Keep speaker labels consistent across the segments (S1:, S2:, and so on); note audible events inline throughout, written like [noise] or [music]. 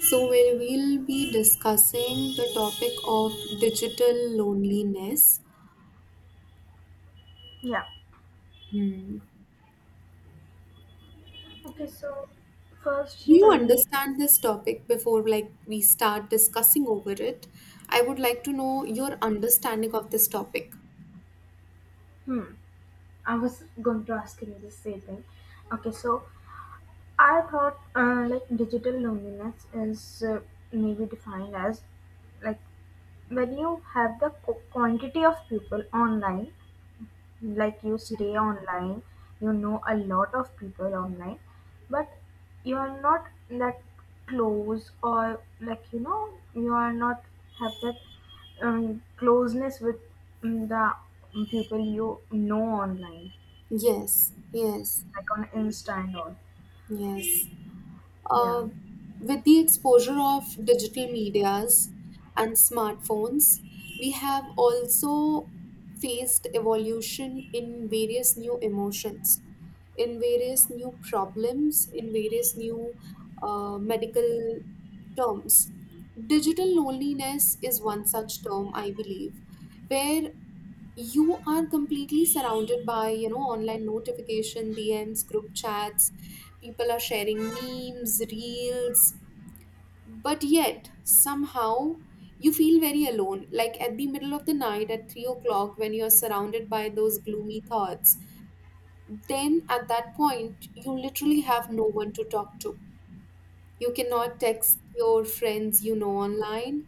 S1: So, where we'll be discussing the topic of digital loneliness.
S2: Yeah.
S1: Hmm.
S2: Okay, so first
S1: Do
S2: you
S1: you
S2: tell me,
S1: understand this topic before like we start discussing over it? I would like to know your understanding of this topic.
S2: hmm, I was going to ask you the same thing. Okay, so I thought like digital loneliness is maybe defined as like when you have the quantity of people online, like you stay online, you know a lot of people online, but you are not that close, or like you know you are not have that closeness with the people you know online,
S1: Yes, yes,
S2: like on insta and all.
S1: yes.
S2: Yeah.
S1: Uh, with the exposure of digital medias and smartphones, we have also faced evolution in various new emotions, in various new problems, in various new medical terms. Digital loneliness is one such term, I believe, where you are completely surrounded by, you know, online notification DMs, group chats, people are sharing memes, reels, but yet somehow you feel very alone, like at the middle of the night at 3 o'clock, when you're surrounded by those gloomy thoughts. Then at that point you literally have no one to talk to. You cannot text your friends, you know, online,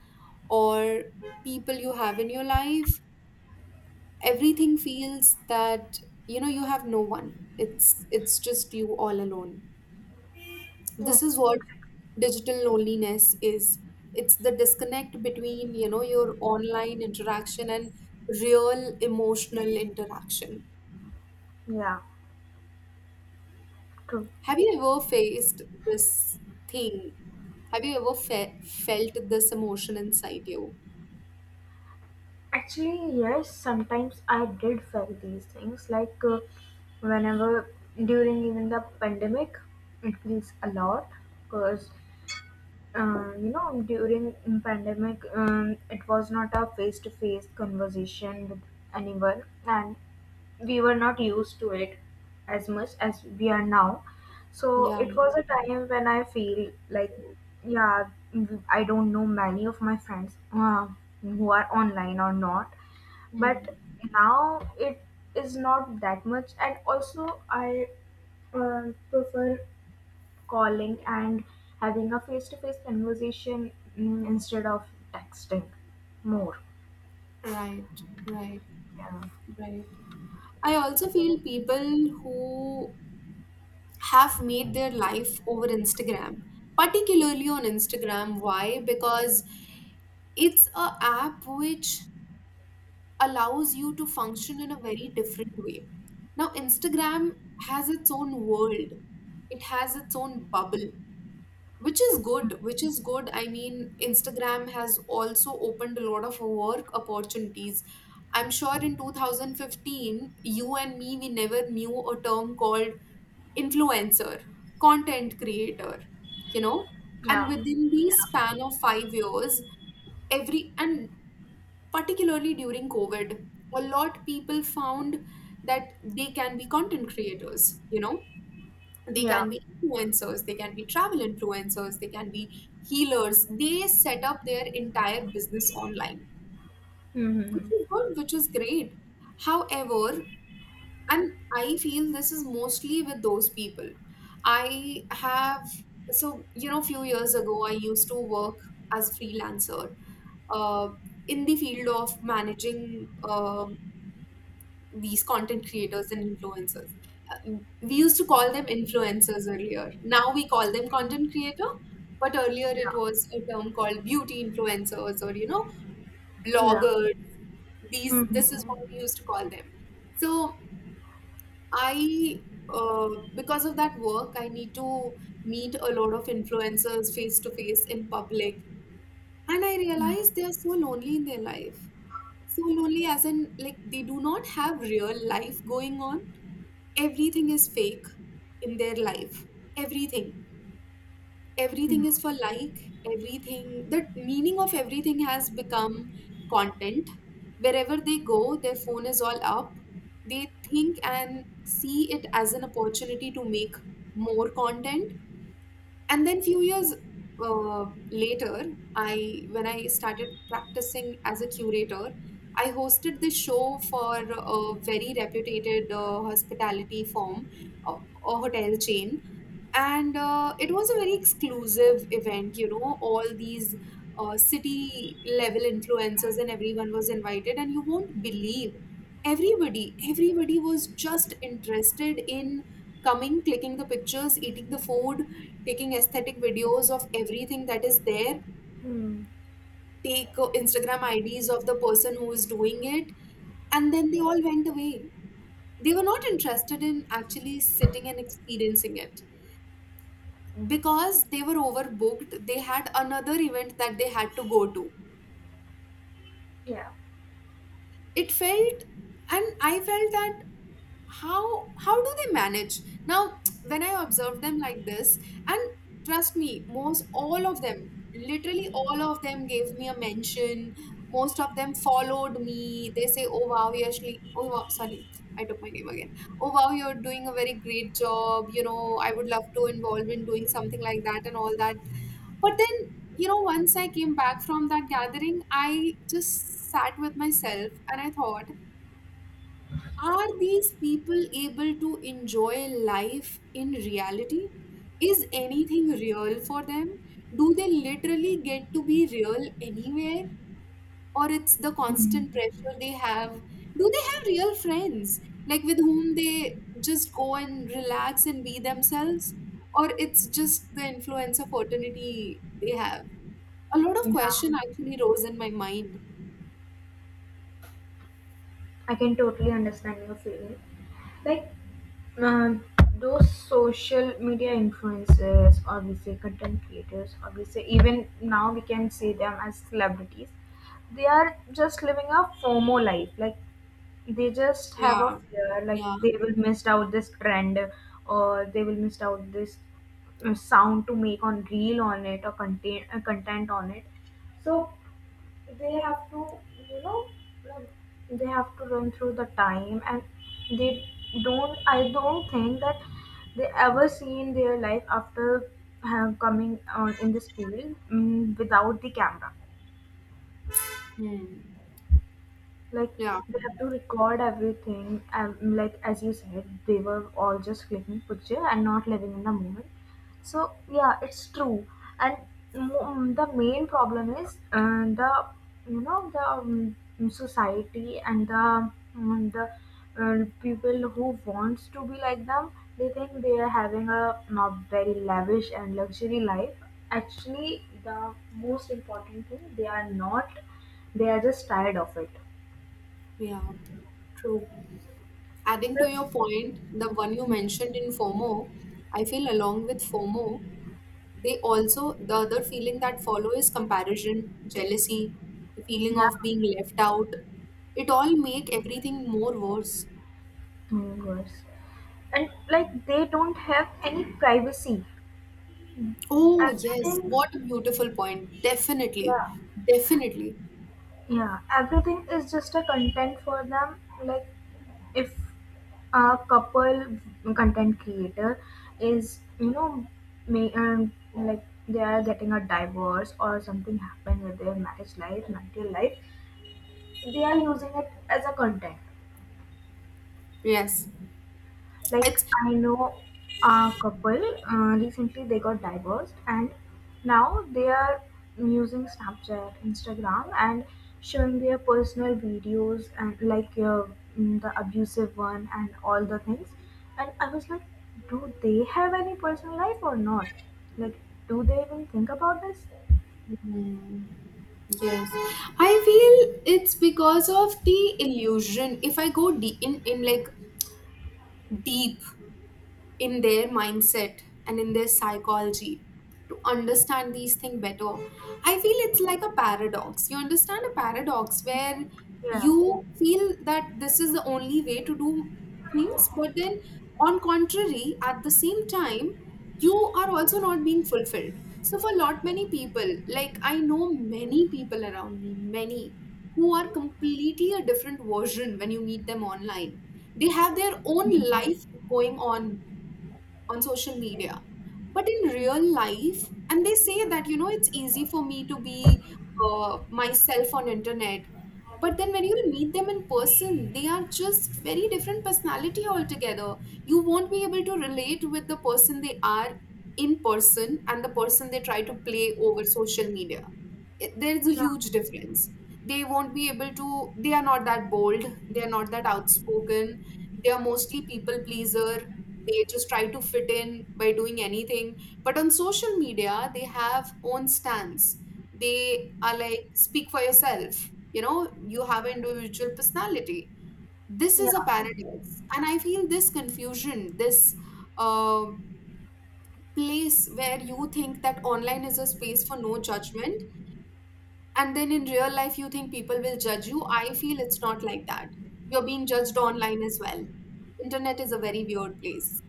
S1: or people you have in your life. Everything feels that, you know, you have no one. It's just you all alone. This
S2: Yes.
S1: is what digital loneliness is. It's the disconnect between, you know, your online interaction and real emotional interaction.
S2: Yeah. True.
S1: Have you ever faced this thing? Have you ever felt this emotion inside you?
S2: Actually, yes, sometimes I did felt these things. Like whenever during even the pandemic, it feels a lot because you know during pandemic it was not a face to face conversation with anyone, and we were not used to it as much as we are now. So
S1: Yeah.
S2: it was a time when I feel like, yeah, I don't know many of my friends who are online or not,
S1: Hmm.
S2: but now it is not that much, and also I uh, prefer calling and having a face-to-face conversation instead of texting more.
S1: Right, right,
S2: Yeah,
S1: right. I also feel people who have made their life over Instagram, particularly on Instagram. Why? Because it's a app which allows you to function in a very different way. Now, Instagram has its own world, it has its own bubble, which is good. I mean, Instagram has also opened a lot of work opportunities. I'm sure in 2015 you and me, we never knew a term called influencer, content creator, you know. And
S2: yeah,
S1: within the span of 5 years, every and particularly during COVID, a lot people found that they can be content creators, you know, they
S2: yeah.
S1: can be influencers, they can be travel influencers, they can be healers. They set up their entire business online, which
S2: Mm-hmm.
S1: is good, which is great. However, and I feel this is mostly with those people I have. So you know, few years ago I used to work as freelancer, uh, in the field of managing these content creators and influencers. We used to call them influencers earlier. Now we call them content creator, but earlier it
S2: Yeah,
S1: was a term called beauty influencers, or you know,
S2: yeah.
S1: bloggers. These this is what
S2: Mm-hmm.
S1: we used to call them. So I, uh, because of that work, I need to meet a lot of influencers face to face in public, and I realize
S2: Mm-hmm.
S1: they are so lonely in their life. So lonely, as in like they do not have real life going on. Everything is fake in their life. Everything, everything is for like, everything, the meaning of everything has become content. Wherever they go, their phone is all up. They think and see it as an opportunity to make more content. And then few years uh, later, I, when I started practicing as a curator, I hosted this show for a very reputed hospitality firm, a, a hotel chain. And it was a very exclusive event, you know, all these city level influencers and everyone was invited. And you won't believe, everybody was just interested in coming, clicking the pictures, eating the food, taking aesthetic videos of everything that is there,
S2: Mm-hmm.
S1: take Instagram IDs of the person who is doing it, and then they all went away. They were not interested in actually sitting and experiencing it, because they were overbooked, they had another event that they had to go to.
S2: Yeah.
S1: It felt, and I felt that, how do they manage now when I observe them like this. And trust me, most all of them, literally all of them gave me a mention. Most of them followed me. They say, oh wow, you actually, oh wow, sorry, I took my name again. Oh wow, you're doing a very great job, you know, I would love to involve in doing something like that and all that. But then, you know, once I came back from that gathering, I just sat with myself and I thought, are these people able to enjoy life in reality? Is anything real for them? Do they literally get to be real anywhere? Or it's the constant
S2: Mm-hmm.
S1: pressure they have? Do they have real friends, like with whom they just go and relax and be themselves? Or it's just the influence of fraternity they have? A lot of
S2: Yeah.
S1: question actually rose in my mind.
S2: I can totally understand your feeling. Like, Uh, those social media influencers, or we say content creators, or we say even now we can see them as celebrities, they are just living a FOMO life, like they just have a
S1: Yeah,
S2: fear, like
S1: yeah.
S2: they will miss out this trend, or they will miss out this sound to make on reel on it, or content on it. So they have to, you know like, they have to run through the time, and they don't I don't think that they ever see in their life after have coming on in this field without the camera.
S1: Hmm.
S2: Like,
S1: Yeah,
S2: they have to record everything, and, like as you said, they were all just clicking picture and not living in the moment. So yeah, it's true. And the main problem is the, you know, the society, and the people who wants to be like them. They think they are having a not very lavish and luxury life. Actually, the most important thing, they are not. They are just tired of it.
S1: yeah. True. Adding to
S2: Yes.
S1: your point, the one you mentioned in FOMO, I feel along with FOMO, they also, the other feeling that follow is comparison, jealousy, the feeling of being
S2: Yeah.
S1: left out. It all make everything more worse.
S2: Oh, gosh. And like they don't have any privacy.
S1: Oh, yes.
S2: Everything.
S1: What a beautiful point. Definitely.
S2: Yeah.
S1: Definitely.
S2: Yeah. Everything is just a content for them. Like, if a couple content creator is, you know, may like they are getting a divorce or something happened with their marriage life, marital life, they are using it as a content.
S1: Yes.
S2: Like,
S1: It's
S2: I know a couple recently they got divorced, and now they are using Snapchat, Instagram, and showing their personal videos and like the abusive one and all the things. And I was like, do they have any personal life or not? Like, do they even think about this?
S1: Hmm. Yes, I feel it's because of the illusion. If I go deep in, like deep in their mindset and in their psychology, to understand these things better. I feel it's like a paradox. You understand a paradox where
S2: Yeah,
S1: you feel that this is the only way to do things, but then on contrary, at the same time, you are also not being fulfilled. So for a lot many people, like I know many people around me, many who are completely a different version when you meet them online. They have their own life going on social media, but in real life, and they say that, you know, it's easy for me to be myself on internet, but then when you meet them in person they are just very different personality altogether. You won't be able to relate with the person they are in person and the person they try to play over social media. There is a
S2: yeah,
S1: huge difference. They won't be able to, they are not that bold, they are not that outspoken, they are mostly people pleaser. They just try to fit in by doing anything, but on social media they have own stance. They are like, speak for yourself, you know, you have an individual personality. This
S2: yeah.
S1: is a paradox, and I feel this confusion, this uh, place where you think that online is a space for no judgment, and then in real life you think people will judge you. I feel it's not like that, you're being judged online as well. Internet is a very weird place.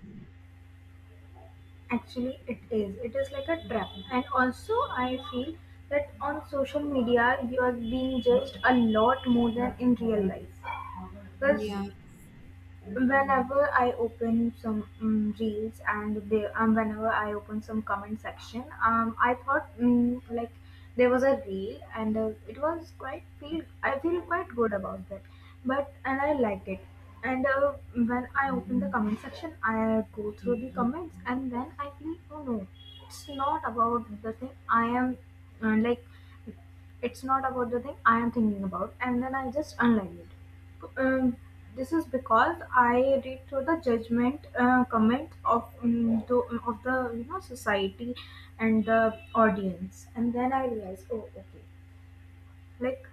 S2: Actually, it is. It is like a trap. And also, I feel that on social media, you are being judged a lot more than in real life. Because
S1: Yeah.
S2: whenever I open some reels, and they, whenever I open some comment section, I thought, like, there was a reel, and it was quite feel I feel quite good about that, but and I liked it. And when I open the comment section, I go through the comments, and then I feel, oh no, it's not about the thing I am, like, it's not about the thing I am thinking about, and then I just unlike it. Um, this is because I read through the judgment comments of of the, you know, society and the audience, and then I realize, oh, okay, like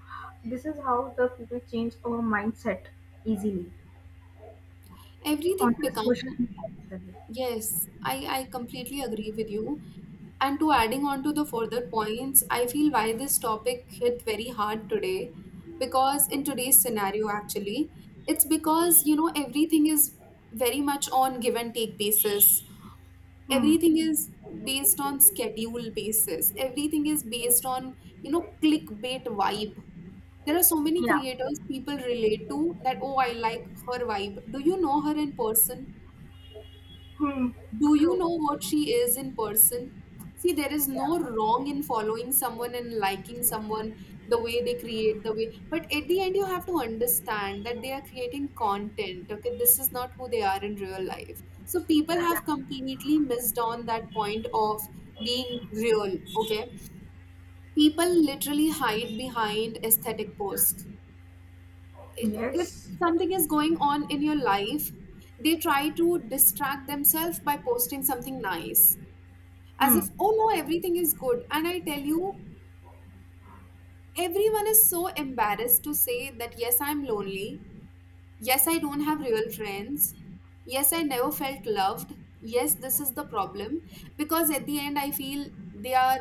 S2: this is how the people change our mindset easily
S1: Everything
S2: on the
S1: become,
S2: social media, actually.
S1: yes, I completely agree with you. And to adding on to the further points, I feel why this topic hit very hard today, because in today's scenario actually, it's because, you know, everything is very much on give and take basis.
S2: Hmm.
S1: Everything is based on schedule basis, everything is based on, you know, clickbait vibe. There are so many
S2: Yeah.
S1: creators people relate to that, oh, I like her vibe, do you know her in person?
S2: Hmm.
S1: Do you
S2: True.
S1: know what she is in person? See, there is
S2: Yeah.
S1: no wrong in following someone and liking someone, the way they create, the way. But at the end, you have to understand that they are creating content. Okay, this is not who they are in real life. So people have completely missed on that point of being real. Okay, people literally hide behind aesthetic posts. If
S2: Yes.
S1: something is going on in your life, they try to distract themselves by posting something nice, as
S2: Hmm.
S1: if oh no, everything is good. And I tell you, everyone is so embarrassed to say that yes, I'm lonely, yes, I don't have real friends, yes, I never felt loved, yes, this is the problem. Because at the end I feel they are,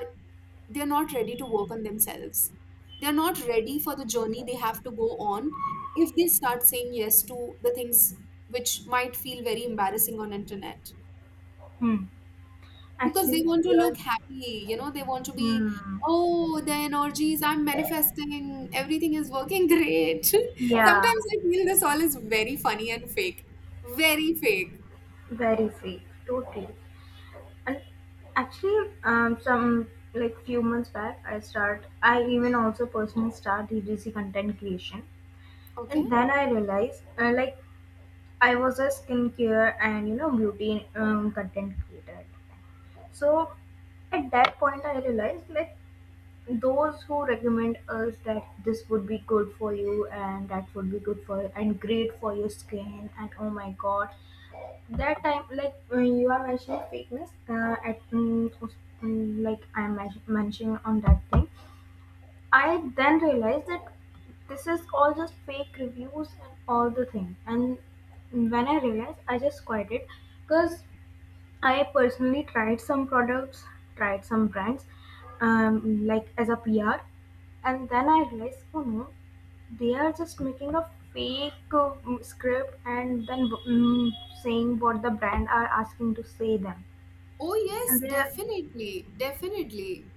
S1: they're not ready to work on themselves, they're not ready for the journey they have to go on, if they start saying yes to the things which might feel very embarrassing on internet.
S2: Hmm.
S1: Because they
S2: Actually,
S1: want to
S2: we are.
S1: look happy, you know, they want to be,
S2: Hmm.
S1: oh, the energies, I'm manifesting, everything is working great. [laughs]
S2: Yeah.
S1: Sometimes I feel this all is very funny and fake, very fake.
S2: Very free, totally. And actually, some, like few months back, I start. I even also personally start DDC content creation,
S1: Okay.
S2: and then I realized, like, I was a skincare and, you know, beauty content creator at the time. So at that point, I realized, like, those who recommend us that this would be good for you and that would be good for and great for your skin, and oh my god, that time, like, when you are mentioning fakeness at mm, us- mm, like, I'm mentioning on that thing, I then realized that this is all just fake reviews and all the thing, and when I realized, I just quit it. Because I personally tried some products, tried some brands, like, as a PR, and then I realized, oh no, they are just making a fake script, and then saying what the brand are asking to say them.
S1: Oh, yes,
S2: And they, are-
S1: definitely, definitely.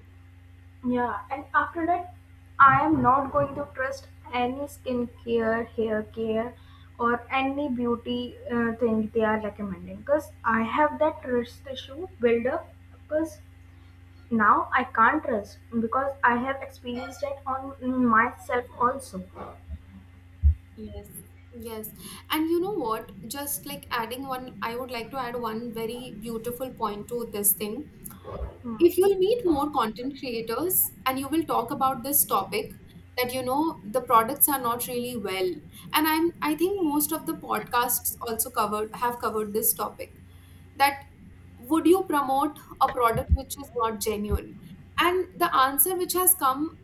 S2: yeah, and after that, I am not going to trust any skincare, hair care, or any beauty thing they are recommending because I have that trust issue build up, because now I can't trust because I have experienced it on myself also.
S1: Yes. Yes. And you know what? Just like adding one, I would like to add one very beautiful point to this thing. If you'll meet more content creators and you will talk about this topic, that you know the products are not really well, and I think most of the podcasts also covered have covered this topic, that would you promote a product which is not genuine. And the answer which has come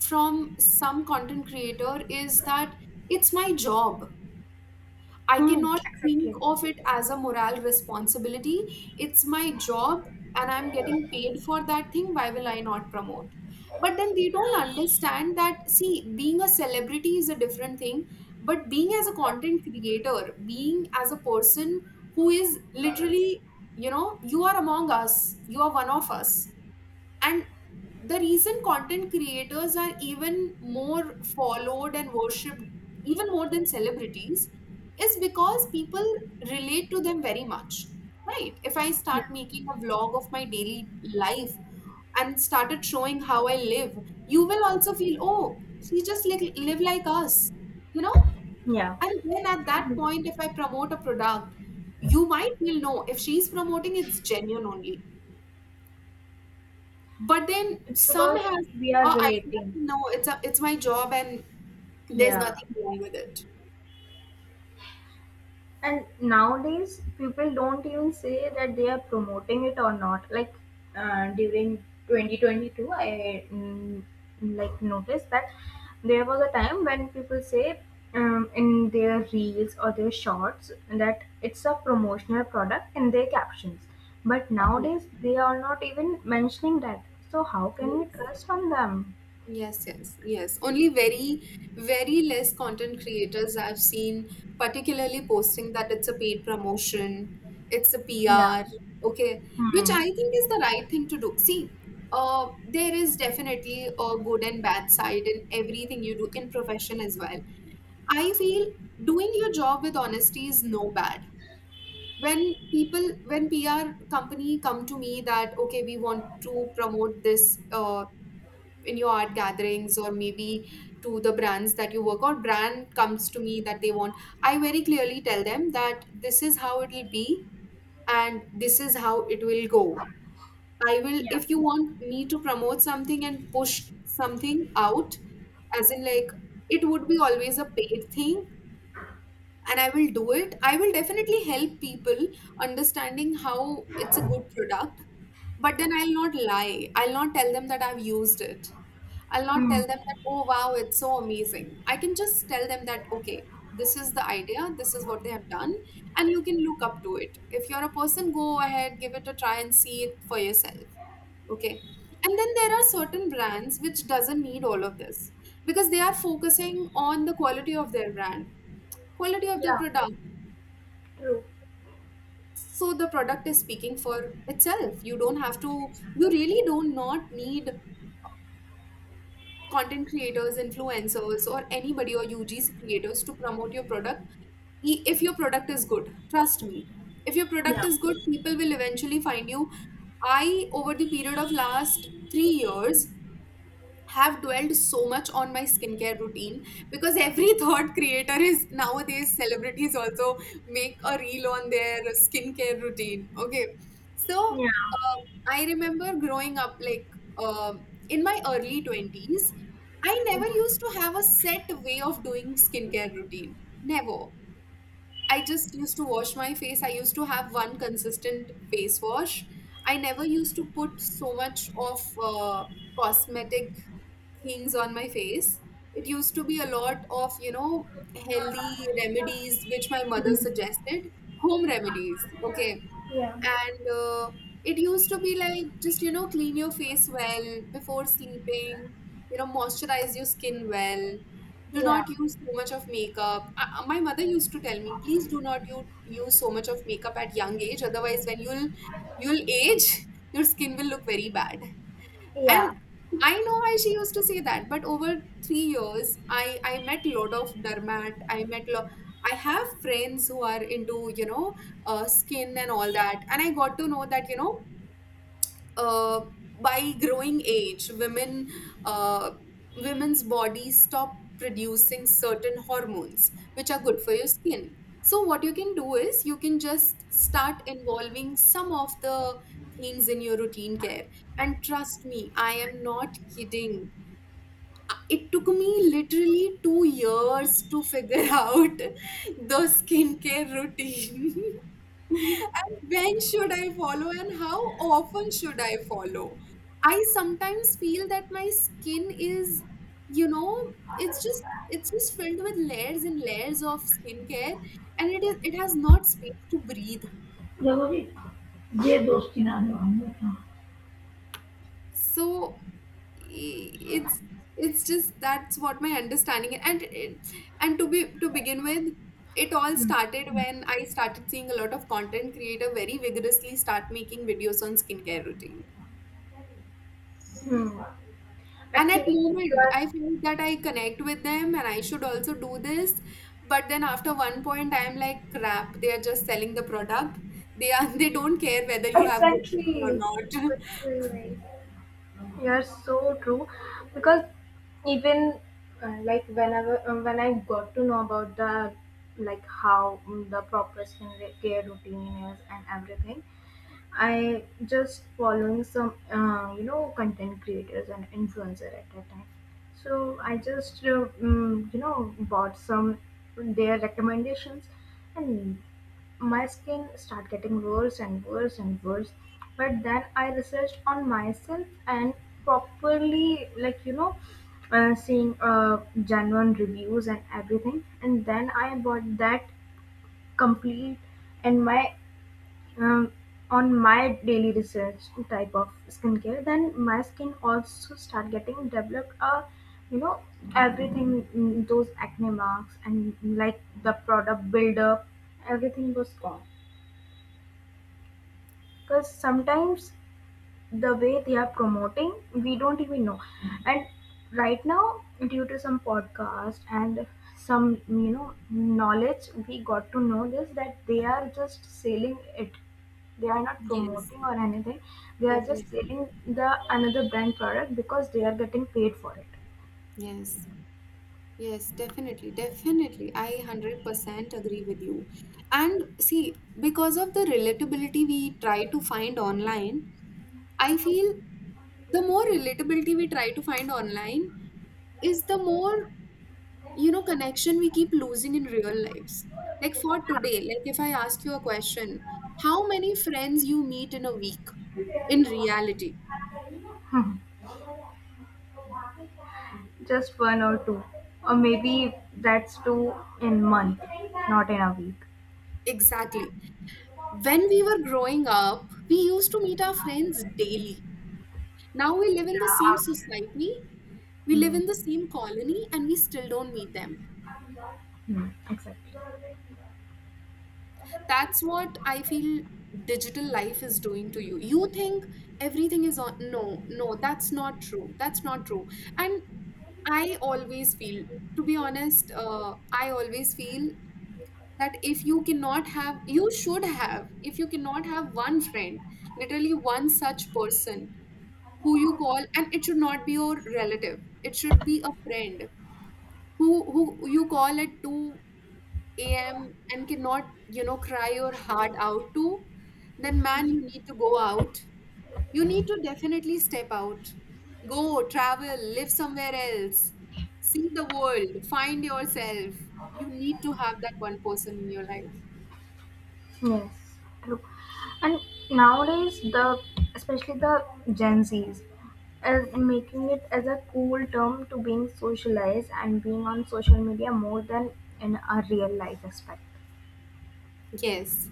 S1: from some content creator is that, it's my job, I
S2: Hmm.
S1: cannot think
S2: Okay.
S1: of it as a moral responsibility. It's my job, and I'm getting paid for that thing. Why will I not promote? But then they don't understand that, see, being a celebrity is a different thing, but being as a content creator, being as a person who is literally, you are among us, you are one of us, and the reason content creators are even more followed and worshipped even more than celebrities is because people relate to them very much. Right, if I
S2: Yeah.
S1: start making a vlog of my daily life and started showing how I live, you will also feel, oh, she just live like us, you know.
S2: Yeah,
S1: And then at that point, if I promote a product, you might feel no, if she's promoting, it's genuine only. But then
S2: it's
S1: some
S2: because
S1: has
S2: we
S1: a
S2: are
S1: idea,
S2: relating.
S1: no, it's my job, and there's
S2: Yeah.
S1: nothing wrong with it.
S2: And nowadays, people don't even say that they are promoting it or not. Like, during 2022, I, like, noticed that there was a time when people say, in their reels or their shorts, that it's a promotional product in their captions. But
S1: Yeah.
S2: nowadays, they are not even mentioning that. So how can we
S1: Yes.
S2: trust on them?
S1: Yes, yes, yes. Only very, very less content creators I've seen, particularly posting that it's a paid promotion, it's a
S2: Yeah.
S1: PR, okay, which
S2: Hmm.
S1: I think is the right thing to do. See, there is definitely a good and bad side in everything you do in profession as well. I feel doing your job with honesty is no bad. When people when PR company come to me that, okay, we want to promote this, in your art gatherings or maybe to the brands that you work on, brand comes to me that they want, I very clearly tell them that this is how it will be and this is how it will go. I will,
S2: Yeah.
S1: if you want me to promote something and push something out, as in, like, it would be always a paid thing, and I will do it. I will definitely help people understanding how it's a good product, but then I'll not lie. I'll not tell them that I've used it. I'll not tell
S2: Hmm.
S1: them that, oh, wow, it's so amazing. I can just tell them that, okay, this is the idea, this is what they have done, and you can look up to it. If you're a person, go ahead, give it a try, and see it for yourself. Okay. And then there are certain brands which doesn't need all of this, because they are focusing on the quality of their brand, quality of the
S2: Yeah.
S1: product.
S2: True.
S1: So the product is speaking for itself. You don't have to, you really do not need content creators, influencers, or anybody, or ugc creators to promote your product. If your product is good, trust me, if your product
S2: Yeah.
S1: is good, people will eventually find you. I, over the period of last 3 years, have dwelled so much on my skincare routine, because every [laughs] third creator is nowadays, celebrities also, make a reel on their skincare routine. Okay. So
S2: Yeah.
S1: uh, I remember growing up, like, uh, in my early 20s, I never used to have a set way of doing skincare routine. Never. I just used to wash my face. I used to have one consistent face wash. I never used to put so much of cosmetic things on my face. It used to be a lot of, you know, healthy remedies which my mother
S2: Hmm.
S1: suggested, home remedies. Okay.
S2: Yeah.
S1: And it used to be like, just, you know, clean your face well before sleeping, you know, moisturize your skin well, do
S2: Yeah.
S1: not use too much of makeup. My mother used to tell me, please do not you use so much of makeup at young age, otherwise when you'll age [laughs] your skin will look very bad. And
S2: Yeah.
S1: I know why she used to say that, but over 3 years, I met lot of dermat, I met I have friends who are into, you know, skin and all that, and I got to know that, you know, uh, by growing age, women, uh, women's bodies stop producing certain hormones which are good for your skin. So what you can do is you can just start involving some of the things in your routine care. And trust me, I am not kidding. It took me literally 2 years to figure [laughs] out the skincare routine. [laughs] And when should I follow and how often should I follow? I sometimes feel that my skin is, you know, it's just it's just filled with layers and layers of skincare, and it has not space to breathe.
S2: जब अभी ये दोस्ती ना निभाऊंगा ना.
S1: So i- it's it's just, that's what my understanding is. And to begin with, it all started when I started seeing a lot of content creator very vigorously start making videos on skincare routine.
S2: Hmm.
S1: And at
S2: Actually, you
S1: moment,
S2: are
S1: I feel that I connect with them and I should also do this. But then after one point, I'm like, crap, they are just selling the product. They are [laughs] they don't care whether you have good skin or
S2: exactly
S1: not.
S2: what
S1: [laughs]
S2: you like. You are so true because even like, whenever when I got to know about the, like, how the proper skin care routine is and everything, I just following some, content creators and influencer at that time. So I just, bought some their recommendations, and my skin start getting worse and worse and worse. But then I researched on myself, and properly, like, seeing genuine reviews and everything, and then I bought that complete, and my um, on my daily research type of skincare, then my skin also start getting developed a, you know, everything, those acne marks and like the product buildup, everything was gone. Because sometimes the way they are promoting, we don't even know, and right now, due to some podcast and some knowledge, we got to know this, that they are just selling it, they are not
S1: Yes,
S2: promoting or anything, they are just
S1: definitely.
S2: selling the another brand product because they are getting paid for it.
S1: Yes. Yes, definitely. Definitely. I 100% agree with you. And see, because of the relatability we try to find online, I feel the more relatability we try to find online is the more, you know, connection we keep losing in real lives. Like, for today,
S2: [laughs]
S1: like, if I ask you a question, how many friends you meet in a week, in reality.
S2: Hmm. Just one or two, or maybe that's two in month, not in a week.
S1: Exactly. When we were growing up, we used to meet our friends daily. Now we live
S2: Yeah,
S1: in the same
S2: hour.
S1: society, we live
S2: Hmm.
S1: in the same colony, and we still don't meet them.
S2: Hmm. Exactly.
S1: That's what I feel digital life is doing to you. You think everything is on, no, no, that's not true, that's not true. And I always feel, to be honest, I always feel that if you cannot have, you should have, if you cannot have one friend, literally one such person, who you call, and it should not be your relative, it should be a friend, who you call at 2 a.m. and cannot, you know, cry your heart out to, then, man, you need to go out, you need to definitely step out, go travel, live somewhere else, see the world, find yourself, you need to have that one person in your life.
S2: Yes, true. And nowadays, the especially the Gen Zs are making it as a cool term to being socialized and being on social media more than in a real life aspect.
S1: Yes.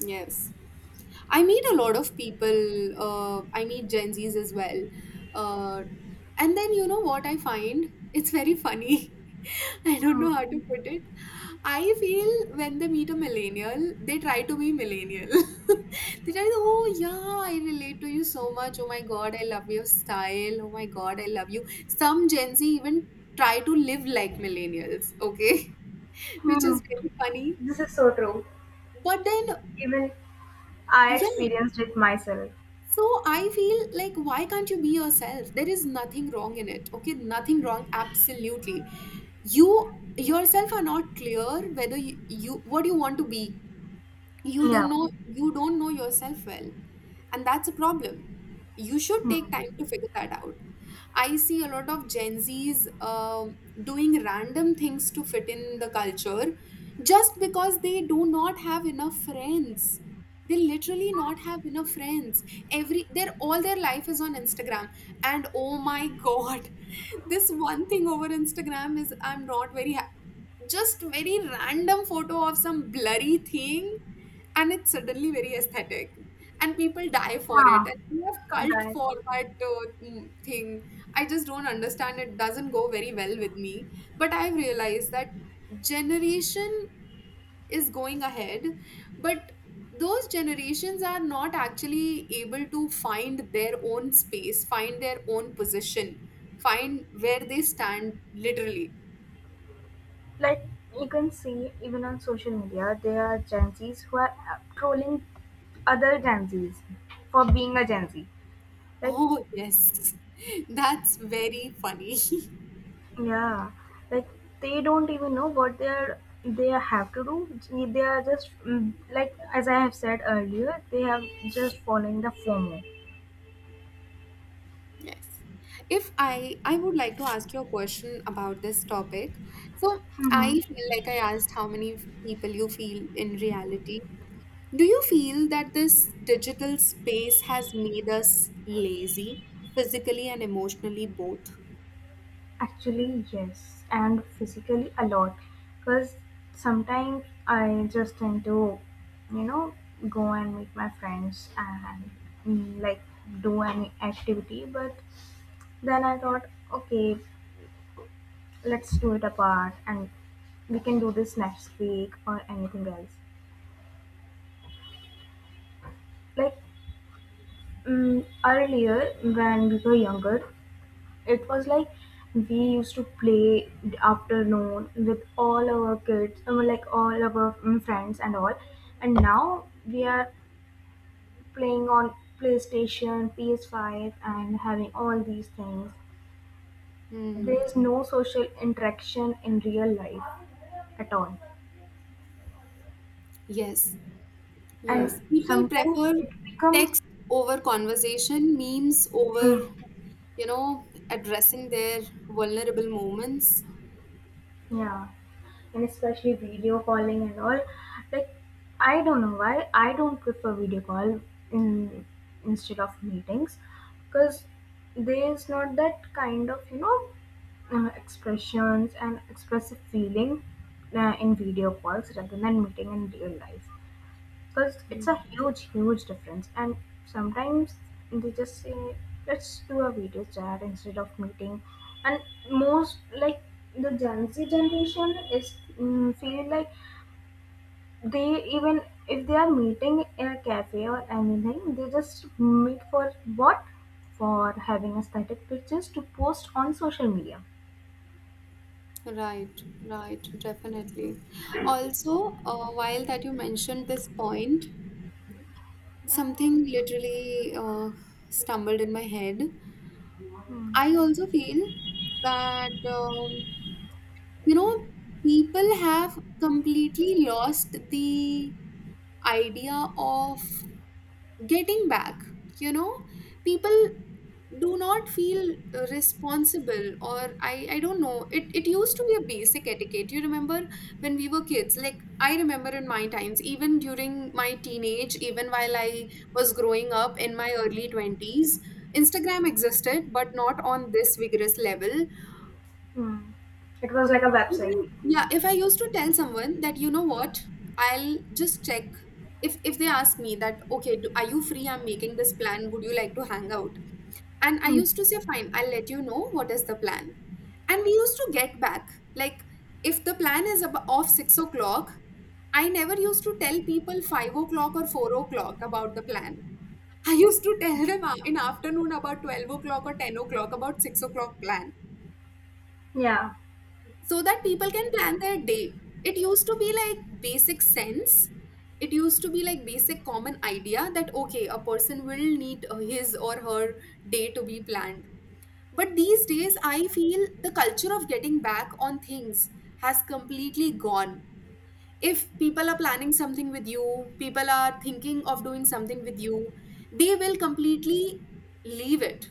S1: Yes. I meet a lot of people. I meet Gen Zs as well. Uh, and then you know what I find? It's very funny. [laughs] I don't
S2: Hmm.
S1: know how to put it. I feel when they meet a millennial, they try to be millennial. [laughs] They try to, oh yeah, I relate to you so much. Oh my god, I love your style. Oh my god, I love you. Some Gen Z even try to live like millennials, okay? [laughs] Which
S2: Hmm.
S1: is very funny.
S2: This is so true.
S1: But then,
S2: Even I
S1: yeah.
S2: experienced it myself.
S1: So I feel like, why can't you be yourself? There is nothing wrong in it. Okay, nothing wrong. Absolutely, you yourself are not clear whether you what you want to be, you don't
S2: Yeah.
S1: know, you don't know yourself well, and that's a problem. You should take time to
S2: Hmm.
S1: figure that out. I see a lot of Gen Z's, doing random things to fit in the culture, just because they do not have enough friends, they literally not have enough friends, every their all their life is on Instagram. And oh my god, [laughs] this one thing over Instagram is, I'm not very, just very random photo of some blurry thing, and it's suddenly very aesthetic, and people die for it,
S2: Ah,
S1: and we have cult
S2: that.
S1: for that, thing. I just don't understand, it doesn't go very well with me, but I've realized that generation is going ahead, but those generations are not actually able to find their own space, find their own position, find where they stand, literally.
S2: Like, you can see, even on social media, there are Gen Zs who are trolling other Gen Zs for being a Gen Z. Like,
S1: Oh, yes. [laughs] That's very funny. [laughs]
S2: yeah, like they don't even know what they have to do. They are just, like, as I have said earlier, they are just following the FOMO.
S1: Yes. If I I would like to ask you a question about this topic. So I
S2: Mm-hmm.
S1: feel like I asked how many people you feel in reality. Do you feel that this digital space has made us lazy, physically and emotionally both?
S2: Actually, yes, and physically a lot, because sometimes I just tend to, you know, go and meet my friends and, like, do any activity, but then I thought, okay, let's do it apart, and we can do this next week or anything else. Like, earlier, when we were younger, it was like we used to play the afternoon with all our kids, I mean, like all our friends and all, and now we are playing on playstation PS5 and having all these things.
S1: Hmm.
S2: There is no social interaction in real life at all.
S1: Yes. Yes,
S2: And
S1: people
S2: sometimes
S1: prefer
S2: it become,
S1: text over conversation, memes over,
S2: mm,
S1: you know, addressing their vulnerable moments.
S2: yeah, and especially video calling and all. Like, I don't know why I don't prefer video call in instead of meetings, because there is not that kind of, expressions and expressive feeling in video calls rather than meeting in real life, because it's a
S1: Mm.
S2: huge, huge difference. And sometimes they just say, let's do a video chat instead of meeting, and most, like, the gen z generation, feel like they, even if they are meeting in a cafe or anything, they just meet for what, for having aesthetic pictures to post on social media.
S1: Right, right, definitely. Also, while that you mentioned this point, something literally stumbled in my head.
S2: Hmm.
S1: I also feel that, you know, people have completely lost the idea of getting back, you know, people do not feel responsible, or I don't know, it used to be a basic etiquette, you remember, when we were kids, like, I remember in my times, even during my teenage, even while I was growing up in my early 20s, Instagram existed but not on this vigorous level.
S2: Hmm. It was like a
S1: If
S2: website.
S1: I, yeah, if I used to tell someone that, you know what, I'll just check. If they ask me that, okay, are you free? I'm making this plan. Would you like to hang out? And I
S2: Hmm.
S1: used to say, fine, I'll let you know what is the plan. And we used to get back. Like, if the plan is off 6 o'clock, I never used to tell people 5 o'clock or 4 o'clock about the plan. I used to tell them in afternoon about 12 o'clock or 10 o'clock about 6 o'clock plan.
S2: Yeah.
S1: So that people can plan their day. It used to be like basic sense. It used to be like basic common idea that okay, a person will need his or her day to be planned. But these days, I feel the culture of getting back on things has completely gone. If people are planning something with you, people are thinking of doing something with you, they will completely leave it.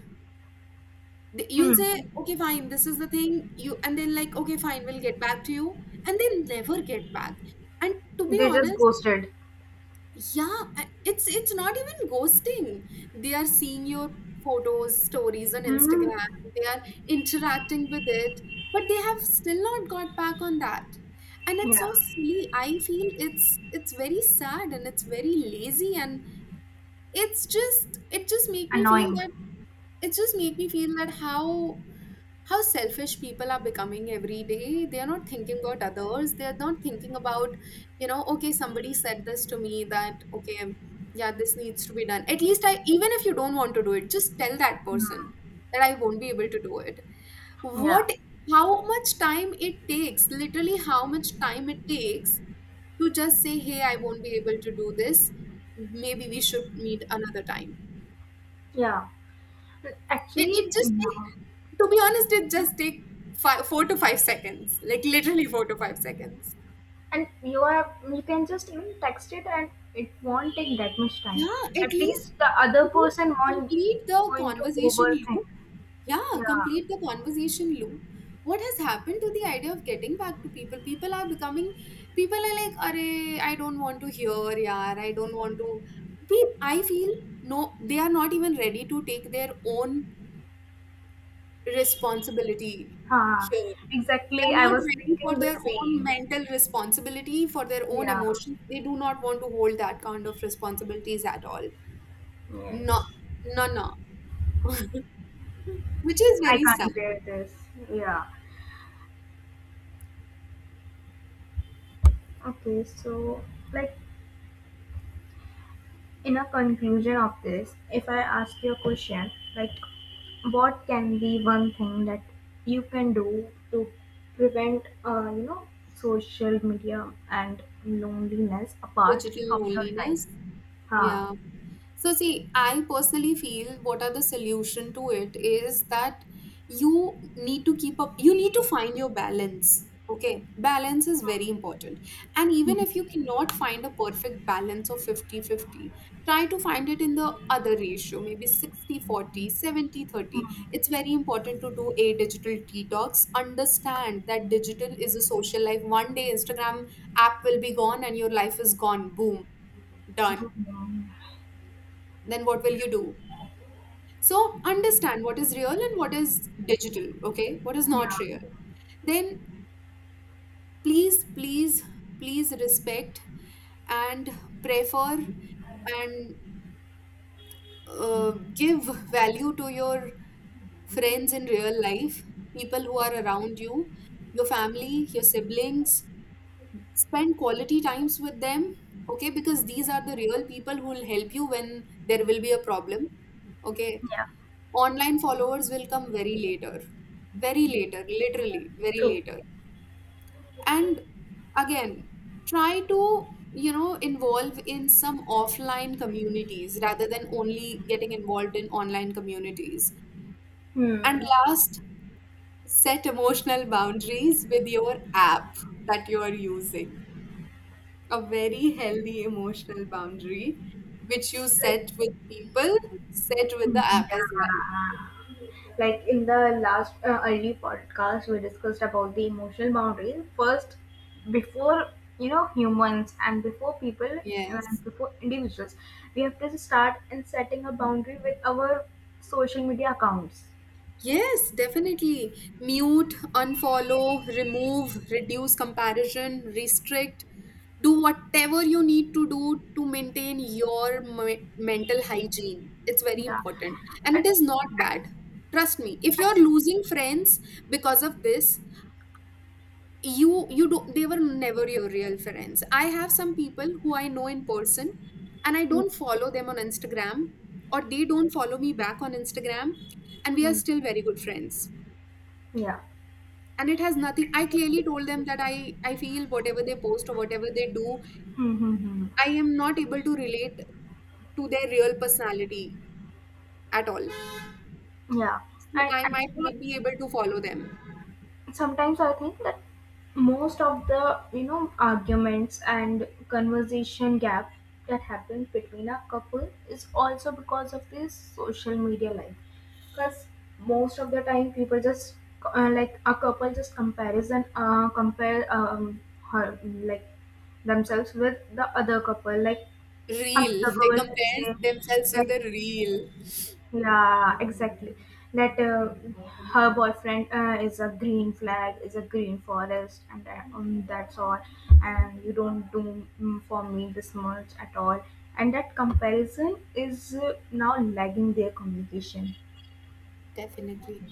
S1: You'll say,
S2: Hmm.
S1: okay, fine, this is the thing you, and then like, okay, fine, we'll get back to you, and they never get back. And to be
S2: They just
S1: honest,
S2: ghosted.
S1: yeah, it's not even ghosting. They are seeing your photos, stories on
S2: Hmm.
S1: Instagram, they are interacting with it, but they have still not got back on that. And it's
S2: Yeah,
S1: so silly, I feel. It's very sad, and it's very lazy. And it just make me feel
S2: annoying.
S1: that how selfish people are becoming every day. They are not thinking about others. They are not thinking about, okay, somebody said this to me that, okay, yeah, this needs to be done. At least, I even if you don't want to do it, just tell that
S2: Hmm.
S1: person that I won't be able to do it.
S2: Yeah,
S1: What? How much time it takes, literally how much time it takes to just say, hey, I won't be able to do this, maybe we should meet another time.
S2: yeah.
S1: It,
S2: Actually,
S1: it just take,
S2: no.
S1: to be honest, it just take 4 to 5 seconds, like literally 4 to 5 seconds.
S2: And you can just even text it, and it won't take that much time.
S1: Yeah, at
S2: At
S1: least,
S2: least the other
S1: at least
S2: person won't
S1: complete the
S2: going to
S1: conversation
S2: overthink.
S1: loop. Yeah,
S2: Yeah.
S1: complete the conversation loop. What has happened to the idea of getting back to people? People are like, "Arey, I don't want to hear, yaar, I don't want to." I feel no, they are not even ready to take their own responsibility
S2: Huh.
S1: here. They
S2: Exactly. I
S1: are not
S2: was
S1: ready for
S2: thinking the
S1: their own
S2: same.
S1: mental responsibility, for their own
S2: Yeah.
S1: emotions. They do not want to hold that kind of responsibilities at all. No,
S2: Yes.
S1: no, no. Which is
S2: I
S1: very sad.
S2: can't bear this. Yeah. Okay. So, like, in a conclusion of this, if I ask you a question like, what can be one thing that you can do to prevent social media and loneliness apart
S1: Digital
S2: from your life?
S1: loneliness.
S2: Huh.
S1: Yeah. So, see, I personally feel what are the solution to it is that you need to keep up, you need to find your balance. Okay, balance is very important. And even
S2: Hmm.
S1: if you cannot find a perfect balance of 50/50, try to find it in the other ratio, maybe 60/40, 70/30. It's very important to do a digital detox. Understand that digital is a social life. One day, Instagram app will be gone and your life is gone. Boom, done.
S2: Good one.
S1: Then what will you do? So understand what is real and what is digital, okay? What is not
S2: Yeah.
S1: real. Then please, please, please respect and prefer and give value to your friends in real life, people who are around you, your family, your siblings. Spend quality times with them, okay? Because these are the real people who will help you when there will be a problem, okay?
S2: Yeah.
S1: Online followers will come very later, literally, very
S2: True.
S1: later. And again, try to, involve in some offline communities rather than only getting involved in online communities. And
S2: Hmm.
S1: last, set emotional boundaries with your app that you are using. A very healthy emotional boundary, which you
S2: Like.
S1: set with people, set with the
S2: Hmm,
S1: app as
S2: yeah.
S1: well.
S2: Like, in the last early podcast, we discussed about the emotional boundaries first, before, humans, and before people,
S1: Yes.
S2: and before individuals, we have to start in setting a boundary with our social media accounts.
S1: Yes, definitely. Mute, unfollow, remove, reduce comparison, restrict. Do whatever you need to do to maintain your mental hygiene. It's very
S2: Yeah.
S1: important. And it
S2: and,
S1: is not bad. Trust me. If you're
S2: and,
S1: losing friends because of this, you do, they were never your real friends. I have some people who I know in person, and I
S2: hmm,
S1: don't follow them on Instagram, or they don't follow me back on Instagram, and we are
S2: hmm,
S1: still very good friends.
S2: yeah.
S1: And it has nothing. I clearly told them that I feel whatever they post or whatever they do,
S2: Mm, mm, mm.
S1: I am not able to relate to their real personality at all,
S2: Yeah.
S1: so
S2: And
S1: I might not
S2: actually,
S1: be able to follow them.
S2: sometimes I think that most of the, arguments and conversation gap that happens between a couple is also because of this social media life, because most of the time people just, like a couple, just comparison uh, compare, her, like, themselves with the other couple, like another
S1: Real, [laughs] they
S2: couple will
S1: compare
S2: say
S1: themselves
S2: that.
S1: with the real.
S2: Yeah, exactly. That, her boyfriend is a green flag, is a green forest, and that's all. And you don't do, for me this much at all. And that comparison is, now lagging their communication.
S1: definitely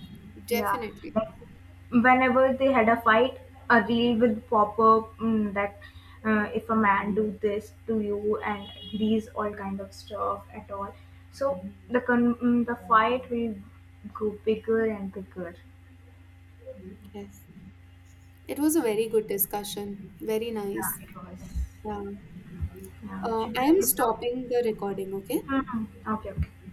S2: Yeah,
S1: Definitely.
S2: like whenever they had a fight, a reel would pop up, that if a man do this to you and these all kind of stuff at all. So the fight will go bigger and bigger.
S1: Yes, it was a very good discussion. Very nice.
S2: Yeah, it was.
S1: Yeah,
S2: Yeah, should
S1: I
S2: we
S1: am
S2: end it now?
S1: stopping the recording, okay.
S2: Hmm. Okay, okay.